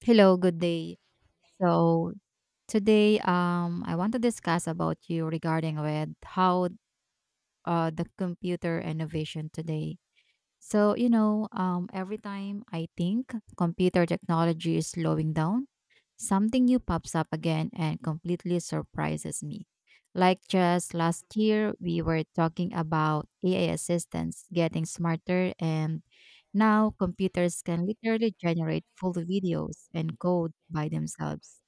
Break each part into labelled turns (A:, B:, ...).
A: Hello, good day. So today, I want to discuss about you regarding with how the computer innovation today. Every time I think computer technology is slowing down, something new pops up again and completely surprises me. Like just last year, we were talking about AI assistants getting smarter and now, computers can literally generate full videos and code by themselves.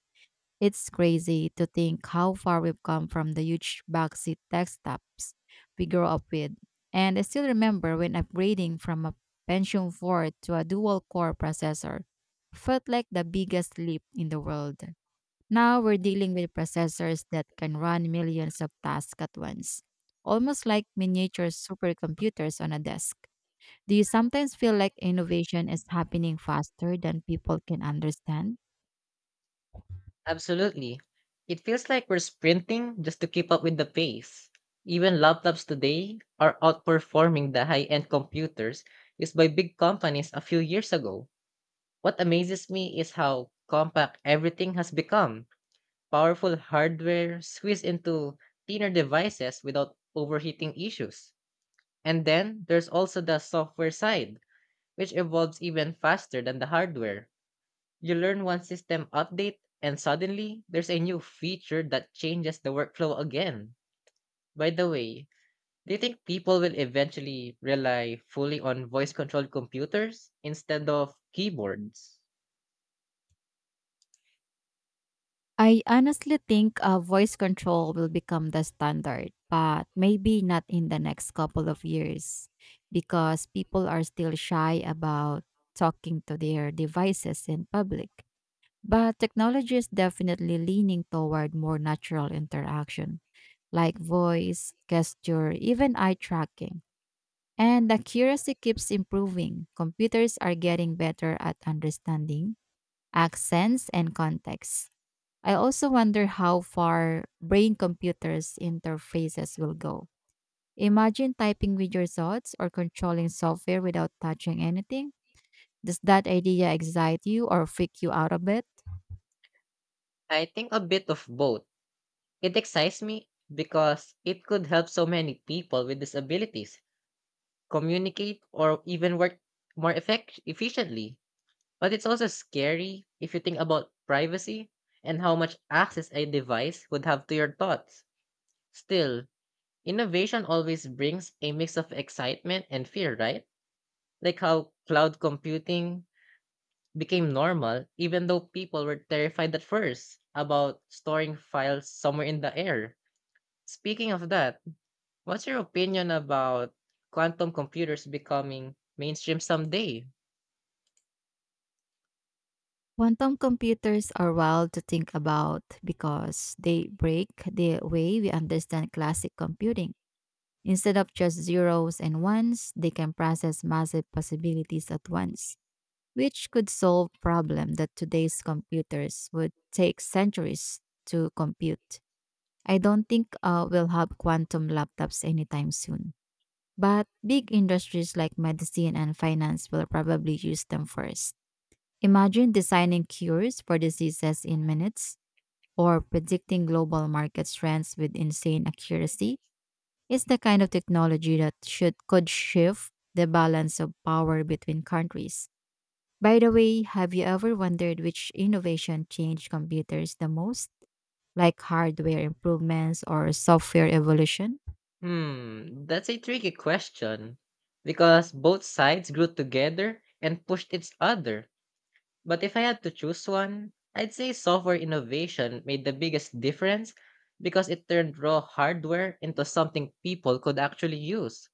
A: It's crazy to think how far we've come from the huge boxy desktops we grew up with. And I still remember when upgrading from a Pentium 4 to a dual core processor felt like the biggest leap in the world. Now we're dealing with processors that can run millions of tasks at once, almost like miniature supercomputers on a desk. Do you sometimes feel like innovation is happening faster than people can understand?
B: Absolutely. It feels like we're sprinting just to keep up with the pace. Even laptops today are outperforming the high end computers used by big companies a few years ago. What amazes me is how compact everything has become. Powerful hardware squeezed into thinner devices without overheating issues. And then there's also the software side, which evolves even faster than the hardware. You learn one system update, and suddenly there's a new feature that changes the workflow again. By the way, do you think people will eventually rely fully on voice controlled computers instead of keyboards?
A: I honestly think voice control will become the standard, but maybe not in the next couple of years because people are still shy about talking to their devices in public. But technology is definitely leaning toward more natural interaction, like voice, gesture, even eye tracking. And the accuracy keeps improving. Computers are getting better at understanding accents and context. I also wonder how far brain computers interfaces will go. Imagine typing with your thoughts or controlling software without touching anything. Does that idea excite you or freak you out a bit?
B: I think a bit of both. It excites me because it could help so many people with disabilities communicate or even work efficiently. But it's also scary if you think about privacy and how much access a device would have to your thoughts. Still, innovation always brings a mix of excitement and fear, right? Like how cloud computing became normal, even though people were terrified at first about storing files somewhere in the air. Speaking of that, what's your opinion about quantum computers becoming mainstream someday?
A: Quantum computers are wild to think about because they break the way we understand classic computing. Instead of just zeros and ones, they can process massive possibilities at once, which could solve problem that today's computers would take centuries to compute. I don't think we'll have quantum laptops anytime soon, but big industries like medicine and finance will probably use them first. Imagine designing cures for diseases in minutes or predicting global market trends with insane accuracy. It's the kind of technology that should could shift the balance of power between countries. By the way, have you ever wondered which innovation changed computers the most? Like hardware improvements or software evolution?
B: That's a tricky question. Because both sides grew together and pushed each other. But if I had to choose one, I'd say software innovation made the biggest difference because it turned raw hardware into something people could actually use.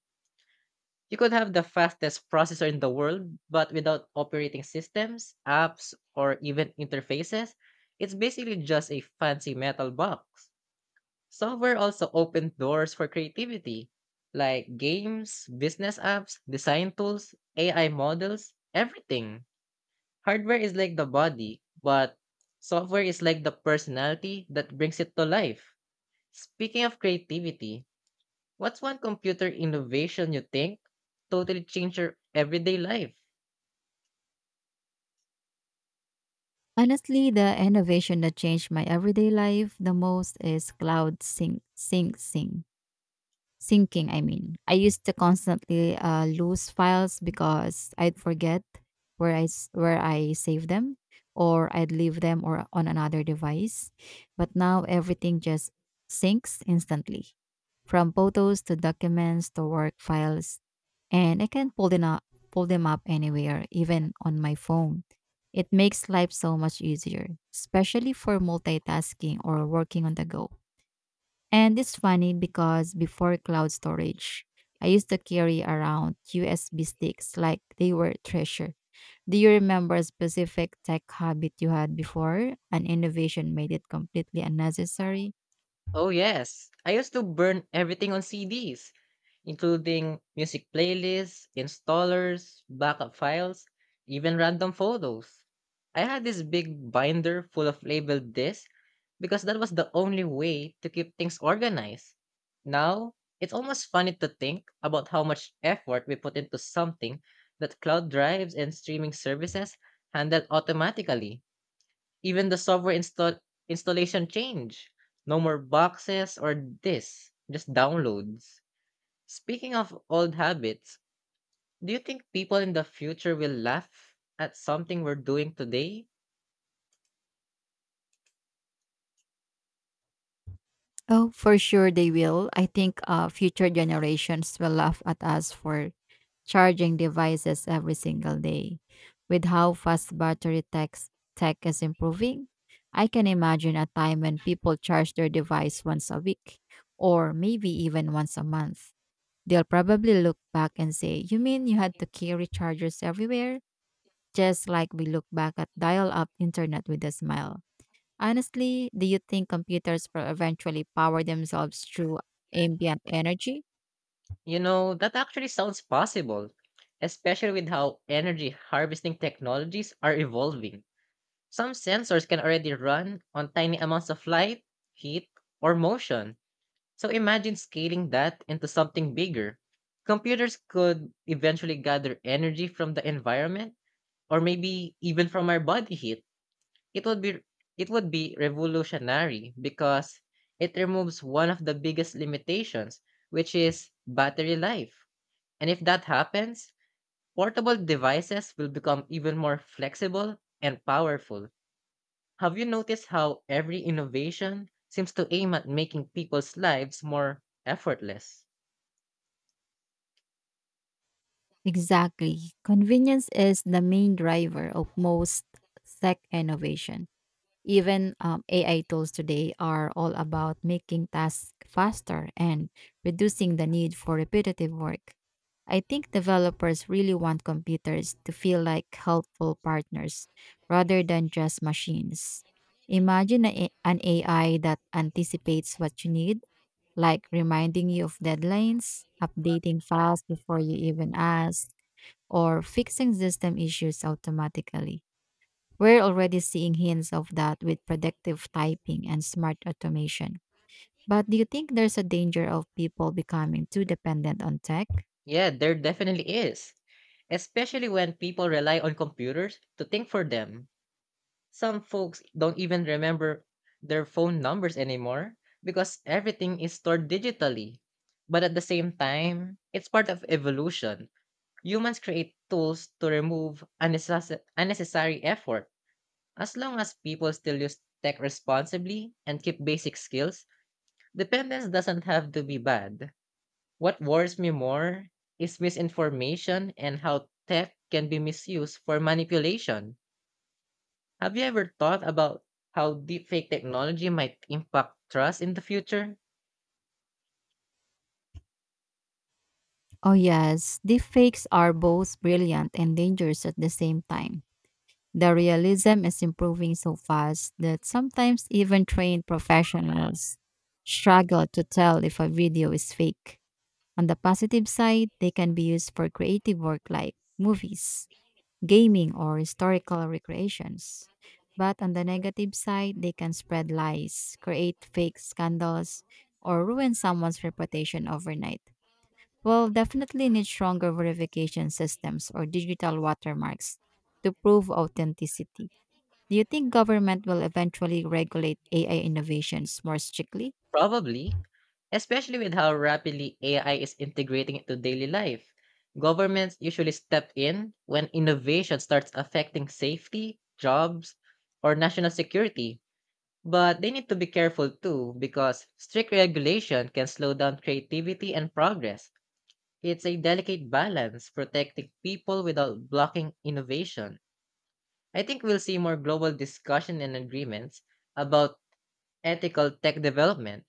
B: You could have the fastest processor in the world, but without operating systems, apps, or even interfaces, it's basically just a fancy metal box. Software also opened doors for creativity, like games, business apps, design tools, AI models, everything. Hardware is like the body, but software is like the personality that brings it to life. Speaking of creativity, what's one computer innovation you think totally changed your everyday life?
A: Honestly, the innovation that changed my everyday life the most is cloud sync, sync, sync. Syncing, I mean. I used to constantly lose files because I'd forget where I save them, or I'd leave them or on another device. But now everything just syncs instantly, from photos to documents to work files, and I can pull them up anywhere, even on my phone. It makes life so much easier, especially for multitasking or working on the go. And it's funny because before cloud storage, I used to carry around USB sticks like they were treasure. Do you remember a specific tech habit you had before an innovation made it completely unnecessary?
B: Oh, yes. I used to burn everything on CDs, including music playlists, installers, backup files, even random photos. I had this big binder full of labeled discs because that was the only way to keep things organized. Now, it's almost funny to think about how much effort we put into something that cloud drives and streaming services handle automatically. Even the software install installation change. No more boxes or disks, just downloads. Speaking of old habits, do you think people in the future will laugh at something we're doing today?
A: Oh, for sure they will. I think future generations will laugh at us for charging devices every single day. With how fast tech is improving, I can imagine a time when people charge their device once a week or maybe even once a month. They'll probably look back and say, "You mean you had to carry chargers everywhere?" Just like we look back at dial up internet with a smile. Honestly, do you think computers will eventually power themselves through ambient energy?
B: You know, that actually sounds possible, especially with how energy harvesting technologies are evolving. Some sensors can already run on tiny amounts of light, heat, or motion. So imagine scaling that into something bigger. Computers could eventually gather energy from the environment or maybe even from our body heat. It would be it would be revolutionary because it removes one of the biggest limitations, which is battery life. And if that happens, portable devices will become even more flexible and powerful. Have you noticed how every innovation seems to aim at making people's lives more effortless?
A: Exactly. Convenience is the main driver of most tech innovation. Even AI tools today are all about making tasks faster and reducing the need for repetitive work. I think developers really want computers to feel like helpful partners rather than just machines. Imagine an AI that anticipates what you need, like reminding you of deadlines, updating files before you even ask or fixing system issues automatically. We're already seeing hints of that with predictive typing and smart automation. But do you think there's a danger of people becoming too dependent on tech?
B: Yeah, there definitely is, especially when people rely on computers to think for them. Some folks don't even remember their phone numbers anymore because everything is stored digitally. But at the same time, it's part of evolution. Humans create tools to remove unnecessary effort. As long as people still use tech responsibly and keep basic skills, dependence doesn't have to be bad. What worries me more is misinformation and how tech can be misused for manipulation. Have you ever thought about how deepfake technology might impact trust in the future?
A: Oh, yes. Deepfakes are both brilliant and dangerous at the same time. The realism is improving so fast that sometimes even trained professionals struggle to tell if a video is fake. On the positive side, they can be used for creative work like movies, gaming, or historical recreations. But on the negative side, they can spread lies, create fake scandals, or ruin someone's reputation overnight. We'll definitely need stronger verification systems or digital watermarks to prove authenticity. Do you think government will eventually regulate AI innovations more strictly?
B: Probably, especially with how rapidly AI is integrating into daily life. Governments usually step in when innovation starts affecting safety, jobs, or national security. But they need to be careful too because strict regulation can slow down creativity and progress. It's a delicate balance protecting people without blocking innovation. I think we'll see more global discussion and agreements about ethical tech development.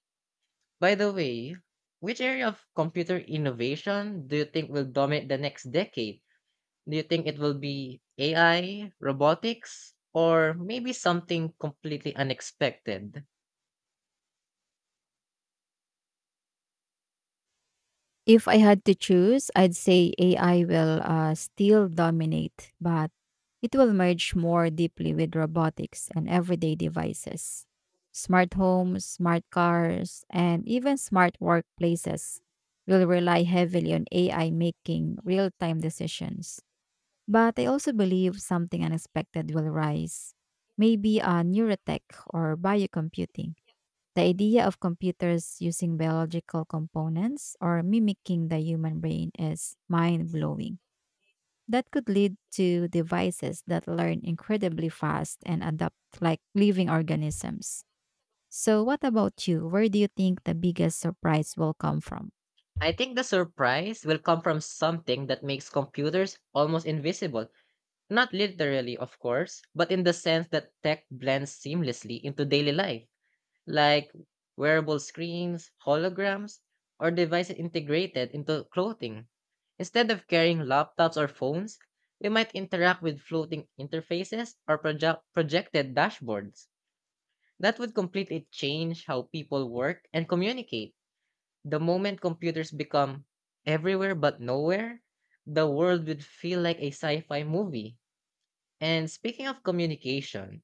B: By the way, which area of computer innovation do you think will dominate the next decade? Do you think it will be AI, robotics, or maybe something completely unexpected?
A: If I had to choose, I'd say AI will still dominate, but it will merge more deeply with robotics and everyday devices. Smart homes, smart cars, and even smart workplaces will rely heavily on AI making real time decisions. But I also believe something unexpected will rise, maybe a neurotech or biocomputing. The idea of computers using biological components or mimicking the human brain is mind blowing. That could lead to devices that learn incredibly fast and adapt like living organisms. So, what about you? Where do you think the biggest surprise will come from?
B: I think the surprise will come from something that makes computers almost invisible. Not literally, of course, but in the sense that tech blends seamlessly into daily life, like wearable screens, holograms, or devices integrated into clothing. Instead of carrying laptops or phones, we might interact with floating interfaces or projected dashboards. That would completely change how people work and communicate. The moment computers become everywhere but nowhere, the world would feel like a sci fi movie. And speaking of communication,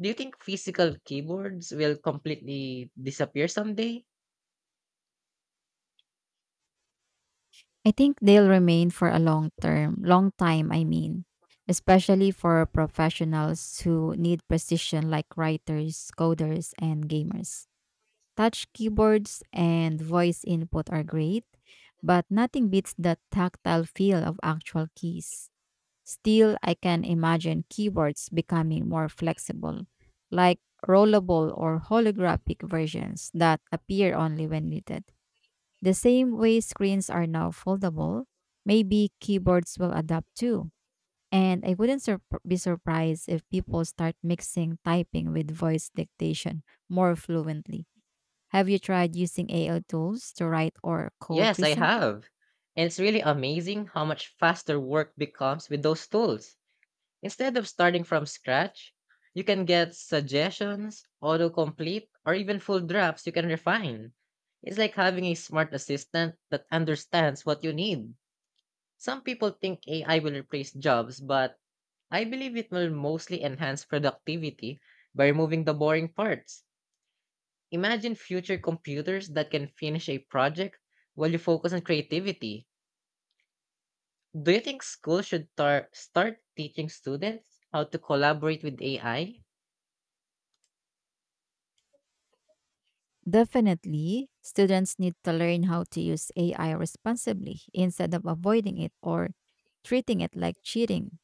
B: do you think physical keyboards will completely disappear someday?
A: I think they'll remain for a long time, I mean, especially for professionals who need precision like writers, coders, and gamers. Touch keyboards and voice input are great, but nothing beats the tactile feel of actual keys. Still, I can imagine keyboards becoming more flexible, like rollable or holographic versions that appear only when needed. The same way screens are now foldable, maybe keyboards will adapt too. And I wouldn't be surprised if people start mixing typing with voice dictation more fluently. Have you tried using AI tools to write or code
B: Yes, I
A: recently?
B: have. And it's really amazing how much faster work becomes with those tools. Instead of starting from scratch, you can get suggestions, autocomplete, or even full drafts you can refine. It's like having a smart assistant that understands what you need. Some people think AI will replace jobs, but I believe it will mostly enhance productivity by removing the boring parts. Imagine future computers that can finish a project while you focus on creativity. Do you think schools should start teaching students how to collaborate with AI? I
A: Definitely. Students need to learn how to use AI responsibly instead of avoiding it or treating it like cheating.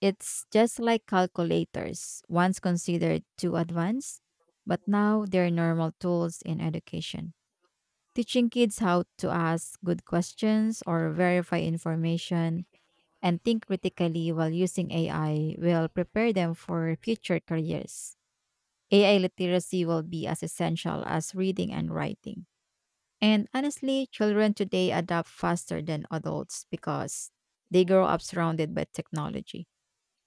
A: It's just like calculators, once considered too advanced, but now they're normal tools in education. Teaching kids how to ask good questions or verify information and think critically while using AI will prepare them for future careers. AI literacy will be as essential as reading and writing. And honestly, children today adapt faster than adults because they grow up surrounded by technology.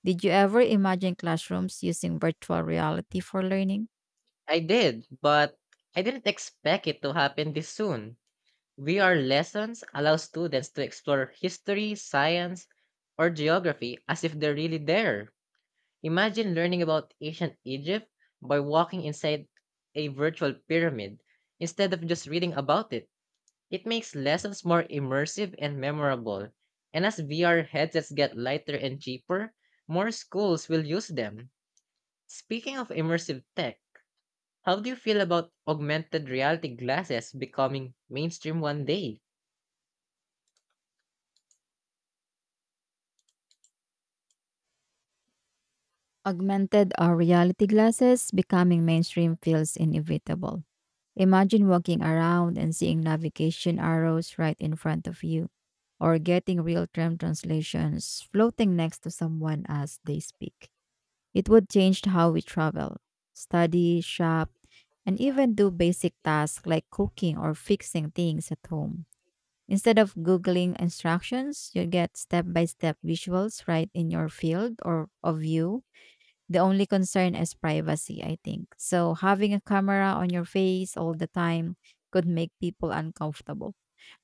A: Did you ever imagine classrooms using virtual reality for learning?
B: I did, but I didn't expect it to happen this soon. VR lessons allow students to explore history, science, or geography as if they're really there. Imagine learning about ancient Egypt by walking inside a virtual pyramid instead of just reading about it. It makes lessons more immersive and memorable. And as VR headsets get lighter and cheaper, more schools will use them. Speaking of immersive tech, how do you feel about augmented reality glasses becoming mainstream one day?
A: Augmented or reality glasses becoming mainstream feels inevitable. Imagine walking around and seeing navigation arrows right in front of you, or getting real time translations floating next to someone as they speak. It would change how we travel, study, shop, and even do basic tasks like cooking or fixing things at home. Instead of Googling instructions, you get step by step visuals right in your field or of view. The only concern is privacy, I think. So, having a camera on your face all the time could make people uncomfortable.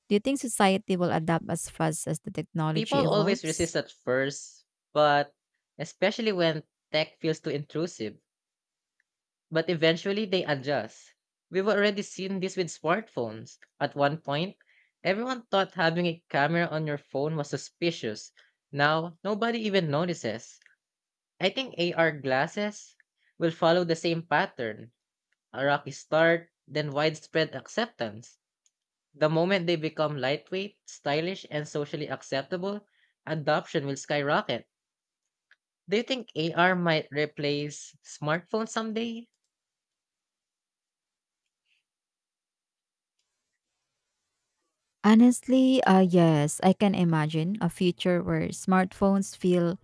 A: Do you think society will adapt as fast as the
B: People
A: technology
B: always
A: evolves?
B: resist at first, but especially when tech feels too intrusive. But eventually they adjust. We've already seen this with smartphones. At one point, everyone thought having a camera on your phone was suspicious. Now, nobody even notices. I think AR glasses will follow the same pattern, a rocky start, then widespread acceptance. The moment they become lightweight, stylish, and socially acceptable, adoption will skyrocket. Do you think AR might replace smartphones someday?
A: Honestly, yes, I can imagine a future where smartphones feel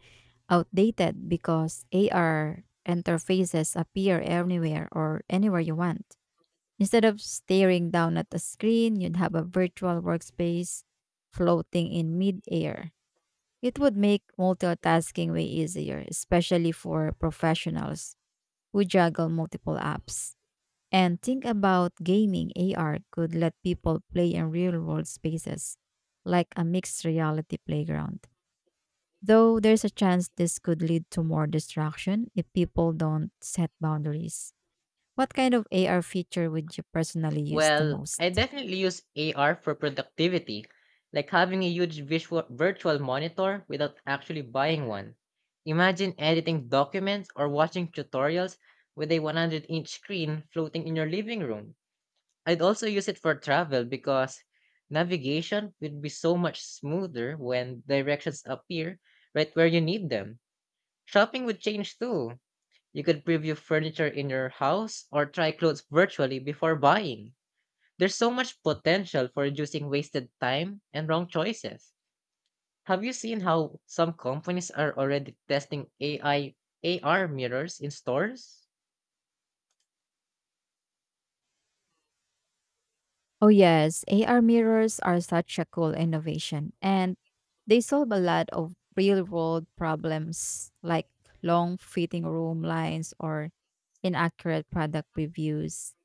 A: outdated because AR interfaces appear anywhere or anywhere you want. Instead of staring down at a screen, you'd have a virtual workspace floating in midair. It would make multitasking way easier, especially for professionals who juggle multiple apps. And think about gaming, AR could let people play in real world spaces, like a mixed reality playground. Though there's a chance this could lead to more distraction if people don't set boundaries. What kind of AR feature would you personally use the
B: Well,
A: most?
B: I definitely use AR for productivity, like having a huge visual virtual monitor without actually buying one. Imagine editing documents or watching tutorials with a 100-inch screen floating in your living room. I'd also use it for travel because navigation would be so much smoother when directions appear right where you need them. Shopping would change too. You could preview furniture in your house or try clothes virtually before buying. There's so much potential for reducing wasted time and wrong choices. Have you seen how some companies are already testing AI AR mirrors in stores?
A: Oh, yes, AR mirrors are such a cool innovation, and they solve a lot of real world problems like long fitting room lines or inaccurate product reviews.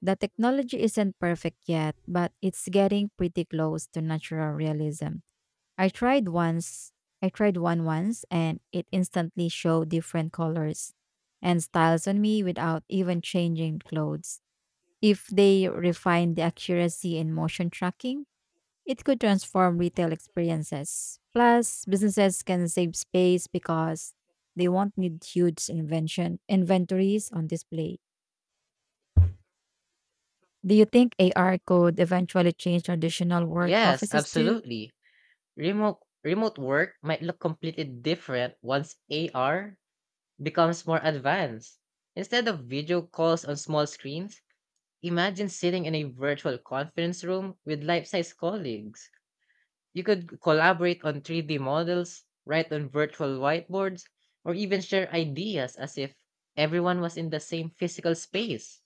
A: The technology isn't perfect yet, but it's getting pretty close to natural realism. I tried once, I tried one once, and it instantly showed different colors and styles on me without even changing clothes. If they refine the accuracy in motion tracking, it could transform retail experiences. Plus, businesses can save space because they won't need huge invention inventories on display. Do you think AR could eventually change traditional work
B: Yes,
A: offices too?
B: absolutely. Remote work might look completely different once AR becomes more advanced. Instead of video calls on small screens, imagine sitting in a virtual conference room with life-size colleagues. You could collaborate on 3D models, write on virtual whiteboards, or even share ideas as if everyone was in the same physical space.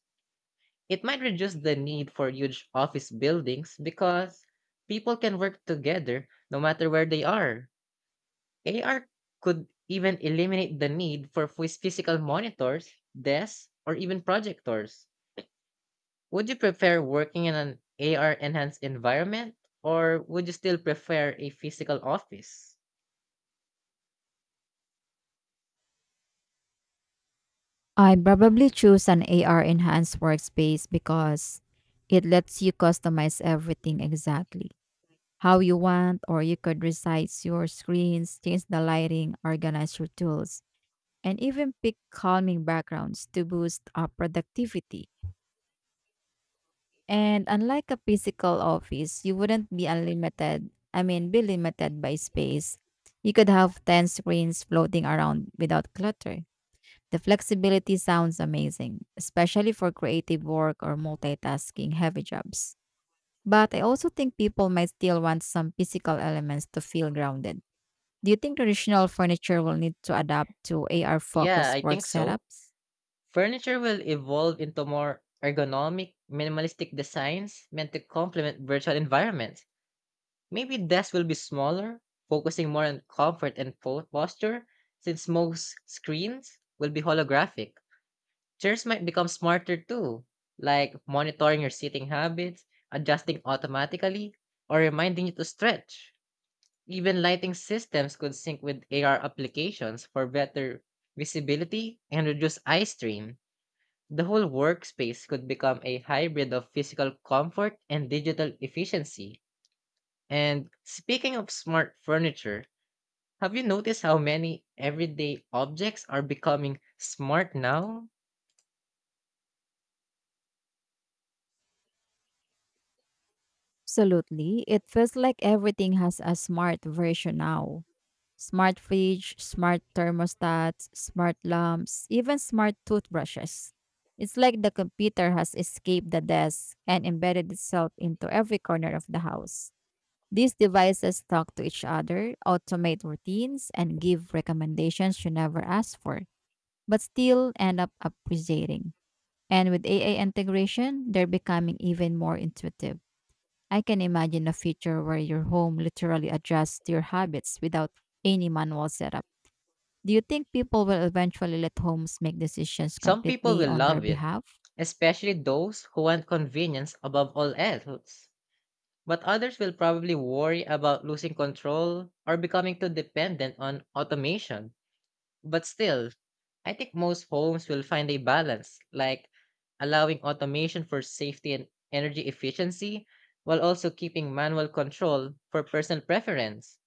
B: It might reduce the need for huge office buildings because people can work together no matter where they are. AR could even eliminate the need for physical monitors, desks, or even projectors. Would you prefer working in an AR enhanced environment or would you still prefer a physical office?
A: I'd probably choose an AR enhanced workspace because it lets you customize everything exactly how you want, or you could resize your screens, change the lighting, organize your tools, and even pick calming backgrounds to boost up productivity. And unlike a physical office, you wouldn't be unlimited, I mean, be limited by space. You could have 10 screens floating around without clutter. The flexibility sounds amazing, especially for creative work or multitasking heavy jobs. But I also think people might still want some physical elements to feel grounded. Do you think traditional furniture will need to adapt to AR
B: Yeah,
A: focused
B: I
A: work
B: think so.
A: setups?
B: Furniture will evolve into more ergonomic, minimalistic designs meant to complement virtual environments. Maybe desks will be smaller, focusing more on comfort and posture, since most screens will be holographic. Chairs might become smarter too, like monitoring your sitting habits, adjusting automatically, or reminding you to stretch. Even lighting systems could sync with AR applications for better visibility and reduce eye strain. The whole workspace could become a hybrid of physical comfort and digital efficiency. And speaking of smart furniture, have you noticed how many everyday objects are becoming smart now?
A: Absolutely. It feels like everything has a smart version now, smart fridge, smart thermostats, smart lamps, even smart toothbrushes. It's like the computer has escaped the desk and embedded itself into every corner of the house. These devices talk to each other, automate routines, and give recommendations you never asked for, but still end up appreciating. And with AI integration, they're becoming even more intuitive. I can imagine a future where your home literally adjusts to your habits without any manual setup. Do you think people will eventually let homes make decisions
B: Some people
A: completely
B: will
A: on their
B: love it,
A: behalf?
B: especially those who want convenience above all else. But others will probably worry about losing control or becoming too dependent on automation. But still, I think most homes will find a balance, like allowing automation for safety and energy efficiency while also keeping manual control for personal preference.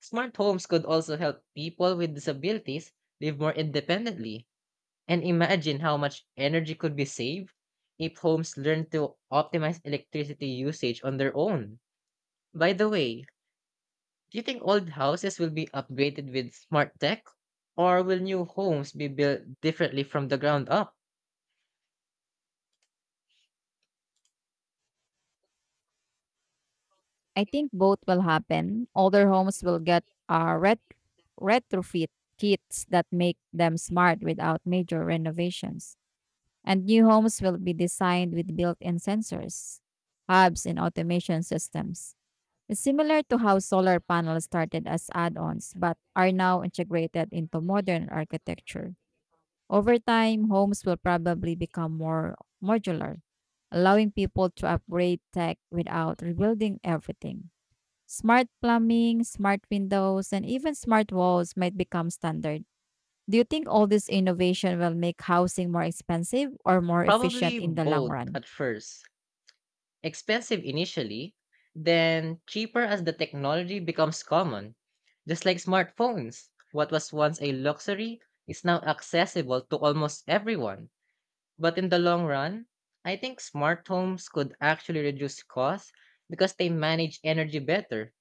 B: Smart homes could also help people with disabilities live more independently. And imagine how much energy could be saved if homes learn to optimize electricity usage on their own. By the way, do you think old houses will be upgraded with smart tech? Or will new homes be built differently from the ground up?
A: I think both will happen. Older homes will get retrofit kits that make them smart without major renovations. And new homes will be designed with built in sensors, hubs, and automation systems. It's similar to how solar panels started as add ons but are now integrated into modern architecture. Over time, homes will probably become more modular, allowing people to upgrade tech without rebuilding everything. Smart plumbing, smart windows, and even smart walls might become standard. Do you think all this innovation will make housing more expensive or more efficient
B: Probably
A: in the long
B: both
A: run?
B: at first. Expensive initially, then cheaper as the technology becomes common. Just like smartphones, what was once a luxury is now accessible to almost everyone. But in the long run, I think smart homes could actually reduce costs because they manage energy better,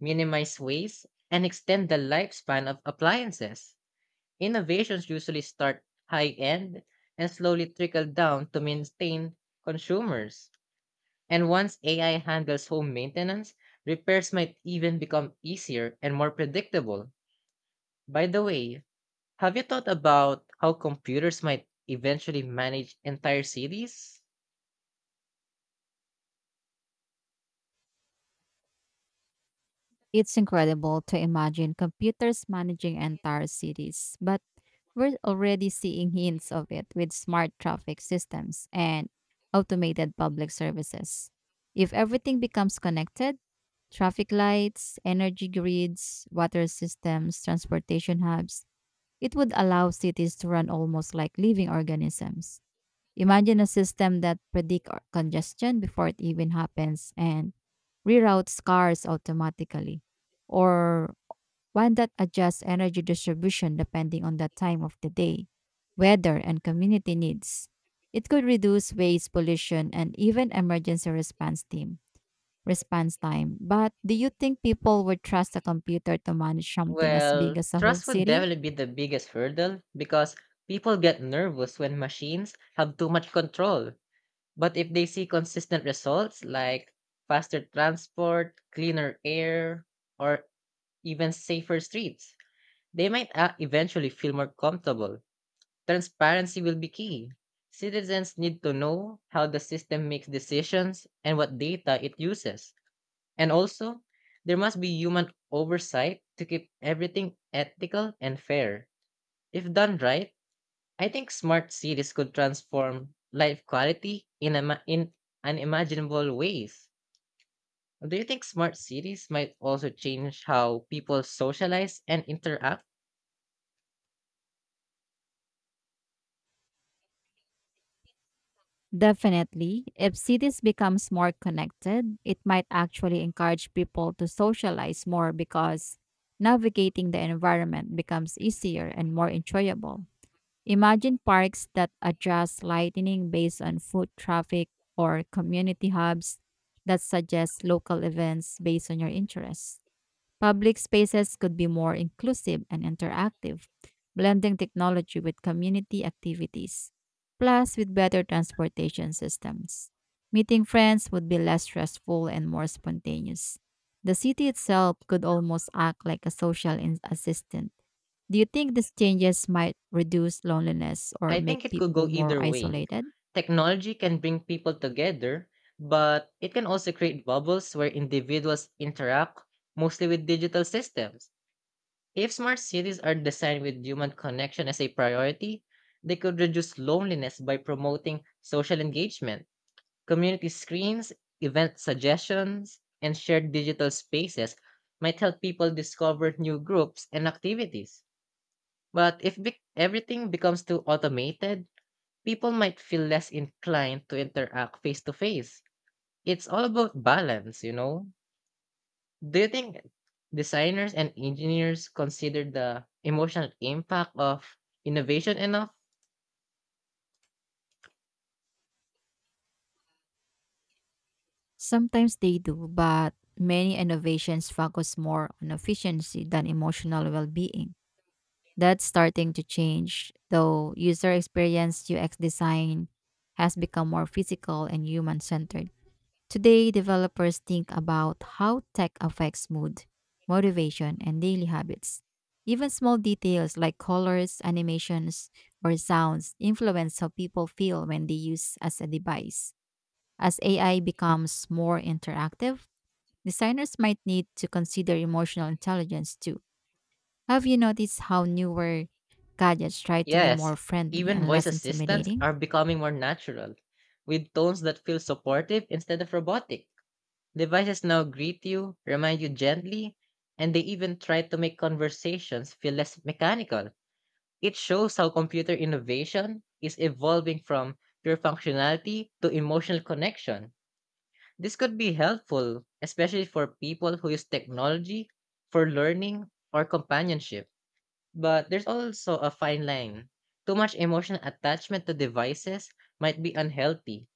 B: minimize waste, and extend the lifespan of appliances. Innovations usually start high end and slowly trickle down to maintain consumers. And once AI handles home maintenance, repairs might even become easier and more predictable. By the way, have you thought about how computers might eventually manage entire cities?
A: It's incredible to imagine computers managing entire cities, but we're already seeing hints of it with smart traffic systems and automated public services. If everything becomes connected, traffic lights, energy grids, water systems, transportation hubs, it would allow cities to run almost like living organisms. Imagine a system that predicts congestion before it even happens and reroutes cars automatically, or one that adjusts energy distribution depending on the time of the day, weather, and community needs. It could reduce waste pollution and even emergency response team response time. But do you think people would trust a computer to manage something as big
B: Well,
A: as a whole
B: trust would
A: city?
B: definitely be the biggest hurdle because people get nervous when machines have too much control. But if they see consistent results like faster transport, cleaner air, or even safer streets, they might eventually feel more comfortable. Transparency will be key. Citizens need to know how the system makes decisions and what data it uses. And also, there must be human oversight to keep everything ethical and fair. If done right, I think smart cities could transform life quality in unimaginable ways. Do you think smart cities might also change how people socialize and interact?
A: Definitely. If cities becomes more connected, it might actually encourage people to socialize more because navigating the environment becomes easier and more enjoyable. Imagine parks that adjust lighting based on foot traffic or community hubs that suggest local events based on your interests. Public spaces could be more inclusive and interactive, blending technology with community activities, plus with better transportation systems. Meeting friends would be less stressful and more spontaneous. The city itself could almost act like a social assistant. Do you think these changes might reduce loneliness or
B: I
A: make
B: think it could go
A: people more
B: either way.
A: isolated?
B: Technology can bring people together, but it can also create bubbles where individuals interact mostly with digital systems. If smart cities are designed with human connection as a priority, they could reduce loneliness by promoting social engagement. Community screens, event suggestions, and shared digital spaces might help people discover new groups and activities. But if everything becomes too automated, people might feel less inclined to interact face to face. It's all about balance, you know? Do you think designers and engineers consider the emotional impact of innovation enough?
A: Sometimes they do, but many innovations focus more on efficiency than emotional well being. That's starting to change, though user experience UX design has become more physical and human centered. Today, developers think about how tech affects mood, motivation, and daily habits. Even small details like colors, animations, or sounds influence how people feel when they use as a device. As AI becomes more interactive, designers might need to consider emotional intelligence too. Have you noticed how newer gadgets try to be
B: Yes,
A: more friendly
B: even
A: and
B: voice
A: less
B: assistants
A: intimidating?
B: are becoming more natural, with tones that feel supportive instead of robotic. Devices now greet you, remind you gently, and they even try to make conversations feel less mechanical. It shows how computer innovation is evolving from pure functionality to emotional connection. This could be helpful, especially for people who use technology for learning or companionship. But there's also a fine line. Too much emotional attachment to devices might be unhealthy.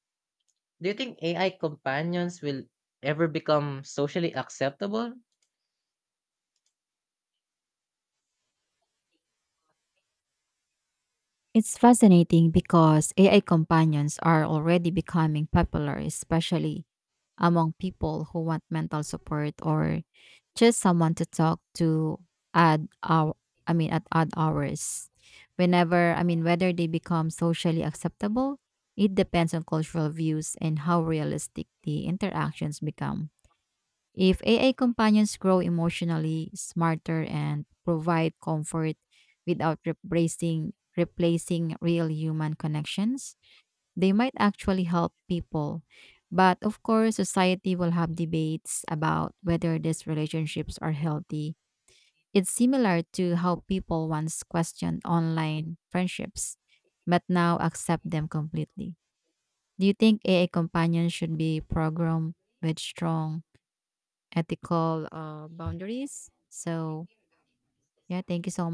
B: Do you think AI companions will ever become socially acceptable?
A: It's fascinating because AI companions are already becoming popular, especially among people who want mental support or just someone to talk to at our at odd hours. Whenever I mean whether they become socially acceptable, it depends on cultural views and how realistic the interactions become. If AI companions grow emotionally smarter and provide comfort without replacing real human connections, they might actually help people. But of course, society will have debates about whether these relationships are healthy. It's similar to how people once questioned online friendships, but now accept them completely. Do you think AI companions should be programmed with strong ethical boundaries? So, yeah, thank you so